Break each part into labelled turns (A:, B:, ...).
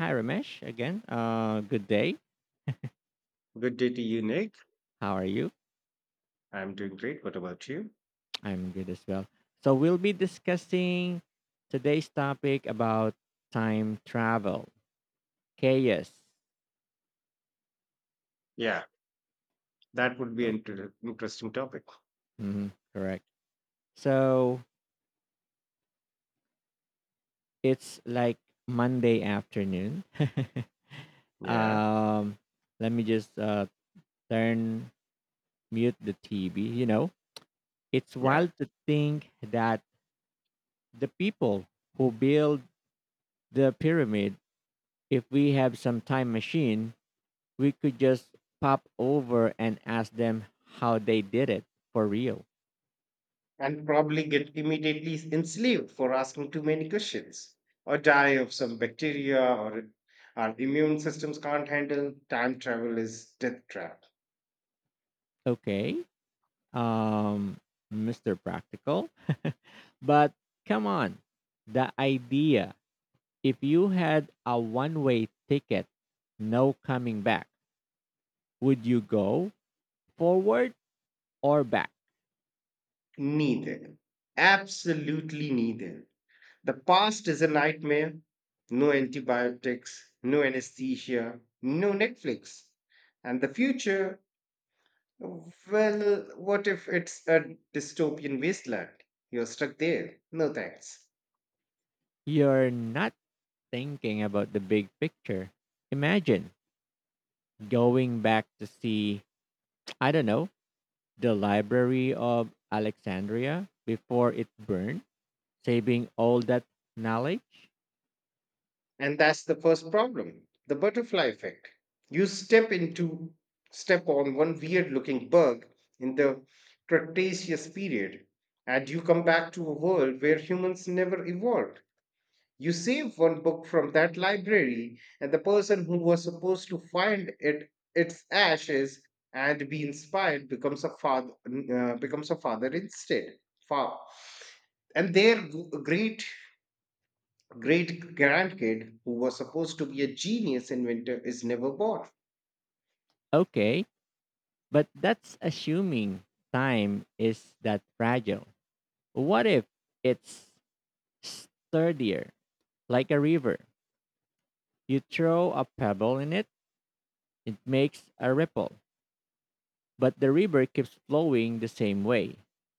A: Hi, Ramesh. Again, good day.
B: Good day to you, Nick.
A: How are you?
B: I'm doing great. What about you?
A: I'm good as well. So, we'll be discussing today's topic about time travel, chaos.
B: Yeah, that would be
A: Oh,
B: an interesting topic.
A: correct. So, it's like Monday afternoon.
B: Yeah,
A: um, let me just turn mute the TV. It's
B: yeah.
A: wild to think that the people who build the pyramid, if we have some time machine, we could just pop over and ask them how they did it for real.
B: And probably get immediately enslaved for asking too many questions or die of some bacteria or our immune systems can't handle. Time travel is death trap.
A: Okay. Um, Mr. Practical. But come on. The idea if you had a one way ticket, no coming back, would you go forward or back?
B: Neither. Absolutely neither. The past is a nightmare. No antibiotics, no anesthesia, no Netflix. And the future. Well, what if it's a dystopian wasteland? You're stuck there. No thanks.
A: You're not thinking about the big picture. Imagine going back to see, I don't know, the Library of Alexandria before it burned, saving all that knowledge?
B: And that's the first problem, the butterfly effect. You step into, Step on one weird looking bug in the Cretaceous period, and you come back to a world where humans never evolved. You save one book from that library, and the person who was supposed to find it its ashes and be inspired becomes a father instead. Fa- and their great great grandkid who was supposed to be a genius inventor is never born.
A: Okay, but that's assuming time is that fragile. What if it's sturdier, like a river? You throw a pebble in it, it makes a ripple, but the river keeps flowing the same way.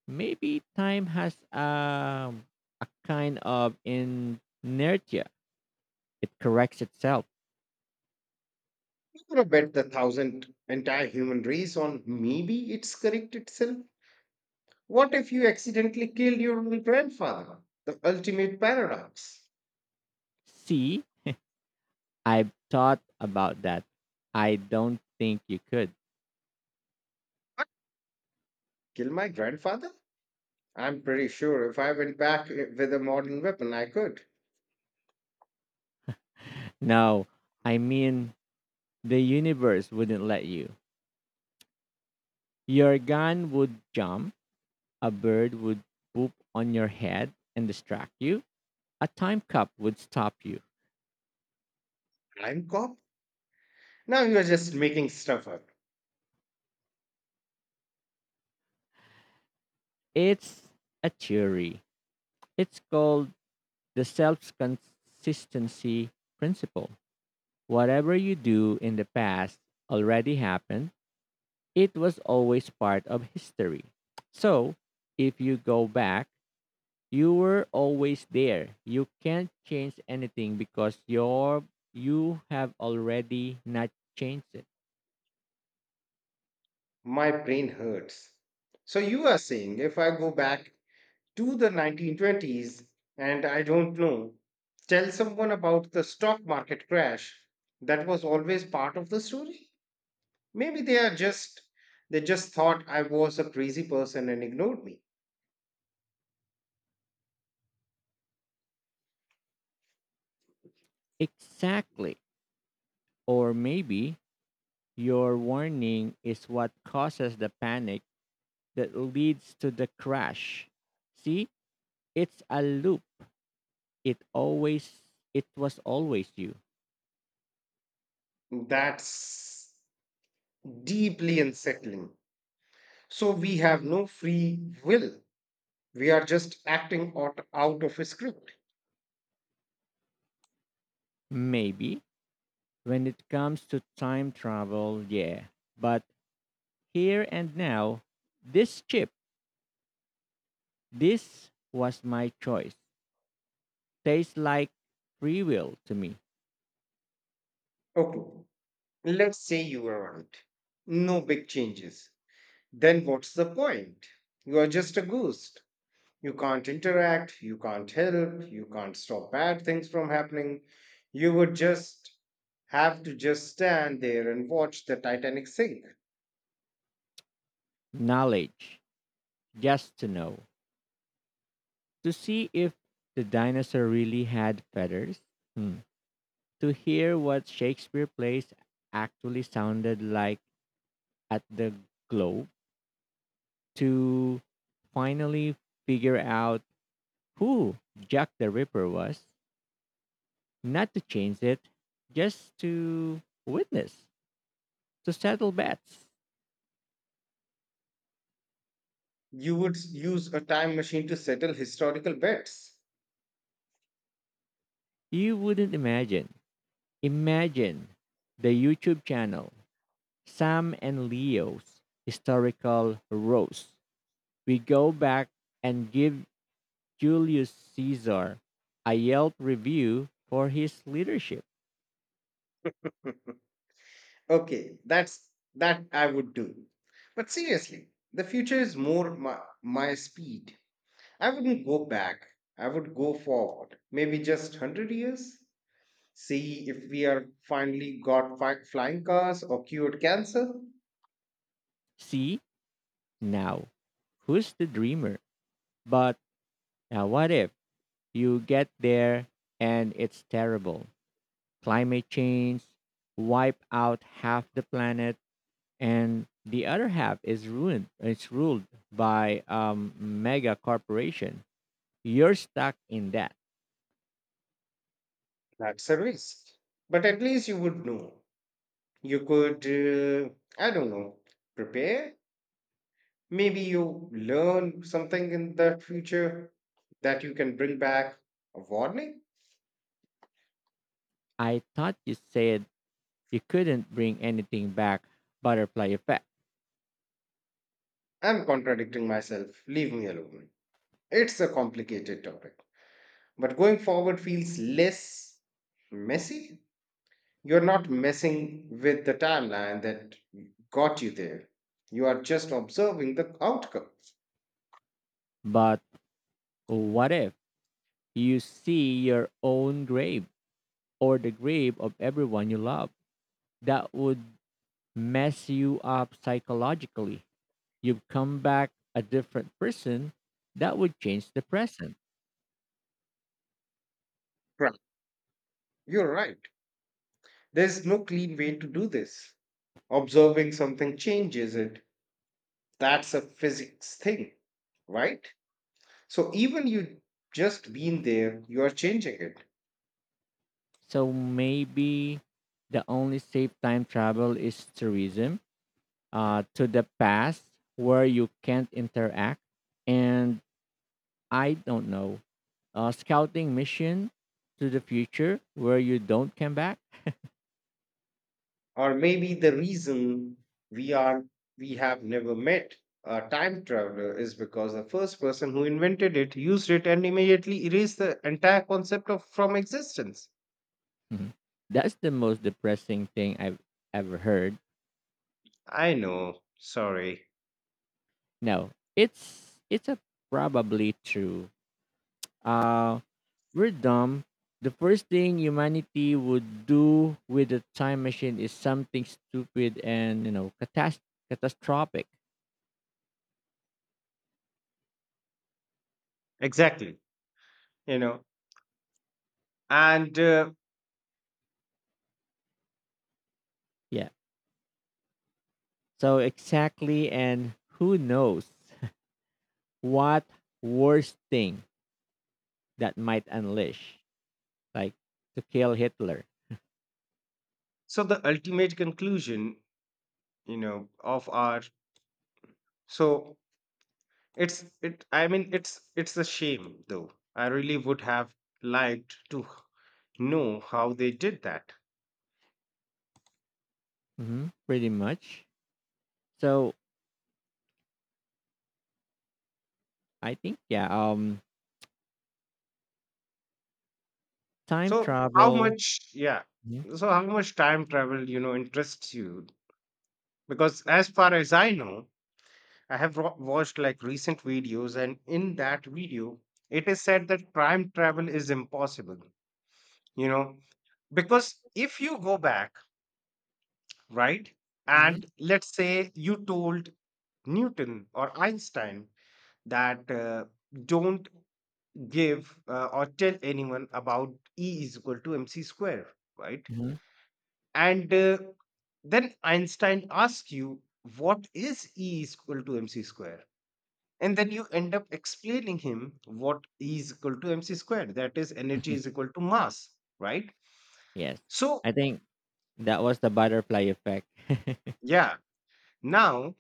A: Maybe time has a kind of inertia, it corrects itself.
B: You gonna bet the thousand entire human race on maybe it's correct itself. What if you accidentally killed your own grandfather? The ultimate paradox.
A: See, I've thought about that. I don't think you could.
B: Kill my grandfather? I'm pretty sure if I went back with a modern weapon, I could.
A: No, I mean, the universe wouldn't let you. Your gun would jump, a bird would poop on your head and distract you, a time cup would stop you.
B: Time cop? Now you're just making stuff up.
A: It's a theory. It's called the self consistency principle. Whatever you do in the past already happened, it was always part of history. So, if you go back, you were always there. You can't change anything because you have already not changed it.
B: My brain hurts. So you are saying if I go back to the 1920s and I don't know, tell someone about the stock market crash, that was always part of the story? Maybe they just thought I was a crazy person and ignored me.
A: Exactly. Or maybe your warning is what causes the panic that leads to the crash. See, it's a loop. It was always you.
B: That's deeply unsettling. So we have no free will. We are just acting out, out of a script.
A: Maybe when it comes to time travel, yeah. But here and now, this chip, this was my choice. Tastes like free will to me.
B: Okay, let's say you are right. No big changes. Then what's the point? You are just a ghost. You can't interact, you can't help, you can't stop bad things from happening. You would just have to just stand there and watch the Titanic sink.
A: Knowledge, just to know, to see if the dinosaur really had feathers. Hmm. To hear what Shakespeare plays actually sounded like at the Globe, to finally figure out who Jack the Ripper was, not to change it, just to witness, to settle bets.
B: You would use a time machine to settle historical bets.
A: You wouldn't imagine. Imagine the YouTube channel Sam and Leo's historical roast. We go back and give Julius Caesar a Yelp review for his leadership.
B: okay, that's that I would do. But seriously, the future is more my speed. I wouldn't go back. I would go forward. Maybe just 100 years. See if we are finally got flying cars or cured cancer.
A: See now, who's the dreamer? But now, what if you get there and it's terrible? Climate change, wipe out half the planet, and the other half is ruined. It's ruled by mega corporation. You're stuck in that.
B: That's a risk. But at least you would know. You could, I don't know, prepare. Maybe you learn something in the future that you can bring back a warning.
A: I thought you said you couldn't bring anything back, butterfly effect.
B: I'm contradicting myself. Leave me alone. It's a complicated topic. But going forward feels less messy. You're not messing with the timeline that got you there. You are just observing the outcome.
A: But what if you see your own grave or the grave of everyone you love? That would mess you up psychologically. You've come back a different person. That would change the present.
B: Right. You're right. There's no clean way to do this. Observing something changes it. That's a physics thing, right? So even you just being there, you are changing it.
A: So maybe the only safe time travel is tourism, to the past where you can't interact. And I don't know, scouting mission to the future where you don't come back.
B: Or maybe the reason we are we have never met a time traveler is because the first person who invented it used it and immediately erased the entire concept of from existence.
A: Mhm. That's the most depressing thing I've ever heard.
B: I know, sorry.
A: No, it's a probably true. Uh, we're dumb. The first thing humanity would do with a time machine is something stupid and catastrophic.
B: Exactly, you know, and
A: Yeah. So exactly, and who knows what worst thing that might unleash, like to kill Hitler.
B: so the ultimate conclusion, you know, of our, so it's it I mean it's a shame though, I really would have liked to know how they did that.
A: Hmm, pretty much. So I think, yeah, time
B: So how
A: travel.
B: much, yeah.
A: Mhm.
B: So how much time travel, you know, interests you? Because as far as I know, I have watched like recent videos, and in that video, it is said that time travel is impossible, you know, because if you go back, right,
A: Hmm.
B: and let's say you told Newton or Einstein that don't give or tell anyone about E is equal to MC square, right?
A: Mhm.
B: And then Einstein asks you, what is E is equal to mc square? And then you end up explaining him what E is equal to mc squared. That is, energy is equal to mass, right?
A: Yes,
B: So,
A: I think that was the butterfly effect.
B: yeah, now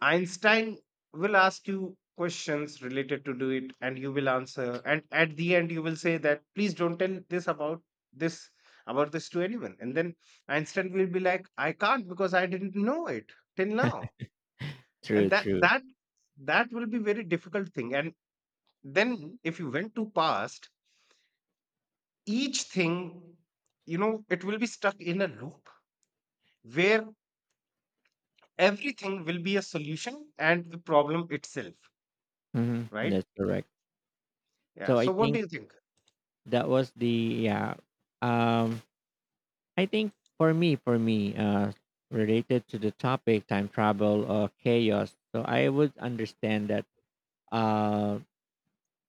B: Einstein will ask you questions related to do it and you will answer. And at the end, you will say that, please don't tell this about this about this to anyone. And then Einstein will be like, I can't because I didn't know it till now. And
A: True,
B: that
A: true.
B: that that will be very difficult thing, and then if you went to past each thing, you know, it will be stuck in a loop where everything will be a solution and the problem itself,
A: Hmm,
B: right?
A: that's correct.
B: Yeah,
A: So I
B: so what do
A: think
B: you think?
A: that was the, yeah. Um, I think for me, related to the topic, time travel or chaos. So I would understand that uh,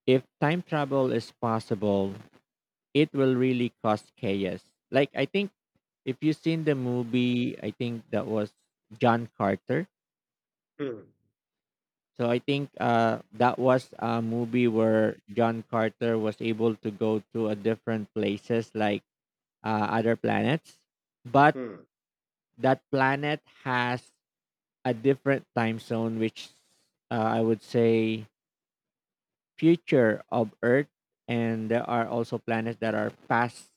A: if time travel is possible, it will really cause chaos. Like I think if you've seen the movie, I think that was John Carter.
B: Hmm,
A: So I think that was a movie where John Carter was able to go to a different places like, other planets, but
B: hmm,
A: that planet has a different time zone, which, I would say future of Earth, and there are also planets that are past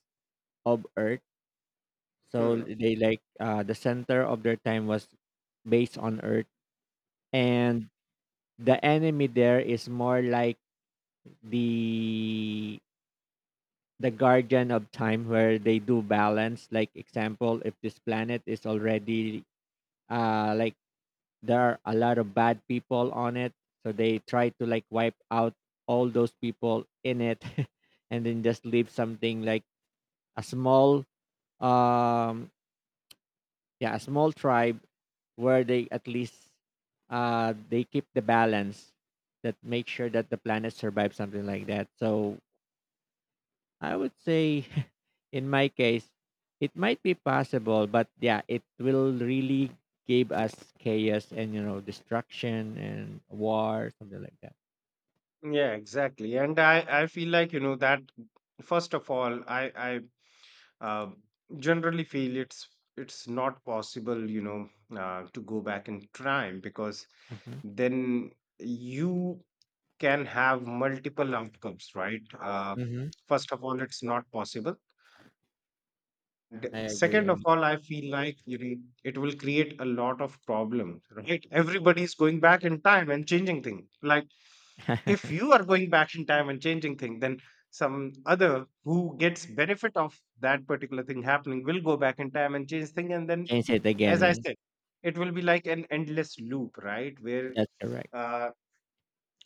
A: of Earth. So
B: hmm.
A: they like, the center of their time was based on Earth, and the enemy there is more like the the guardian of time where they do balance, like example if this planet is already, like there are a lot of bad people on it, so they try to like wipe out all those people in it, and then just leave something like a small, um yeah, a small tribe where they at least, they keep the balance, that make sure that the planet survives, something like that. So I would say, in my case, it might be possible, but yeah, it will really give us chaos and destruction and war, something like that.
B: Yeah, exactly, and I feel like, you know, that first of all I uh, generally feel it's not possible, you know, to go back in time because
A: Hmm.
B: then you can have multiple outcomes, right?
A: Hmm.
B: First of all it's not possible.
A: I agree,
B: Second
A: yeah.
B: of all I feel like, you know, it will create a lot of problems, right? Everybody is going back in time and changing things, like if you are going back in time and changing thing, then some other who gets benefit of that particular thing happening will go back in time and change thing. And then
A: Change it
B: as
A: again.
B: I
A: Yeah,
B: said, it will be like an endless loop, right? Where
A: that's correct.
B: uh,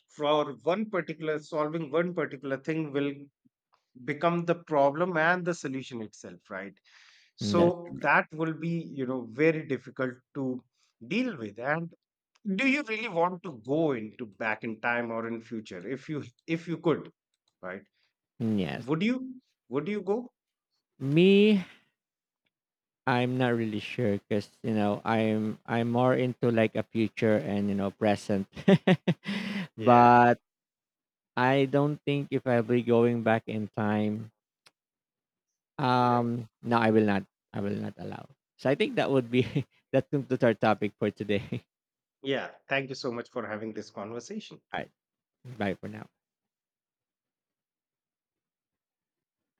B: for one particular solving one particular thing will become the problem and the solution itself, right?
A: Mm,
B: So
A: that's—
B: that will be, you know, very difficult to deal with. And do you really want to go into back in time or in future if you could, right?
A: mm, yes.
B: would you would you go?
A: Me, I'm not really sure because I'm more into like a future and present,
B: yeah
A: but I don't think if I'll be going back in time.
B: yeah
A: No, I will not. I will not allow. So I think that would be, that concludes our topic for today.
B: Yeah, thank you so much for having this conversation.
A: All right, bye for now.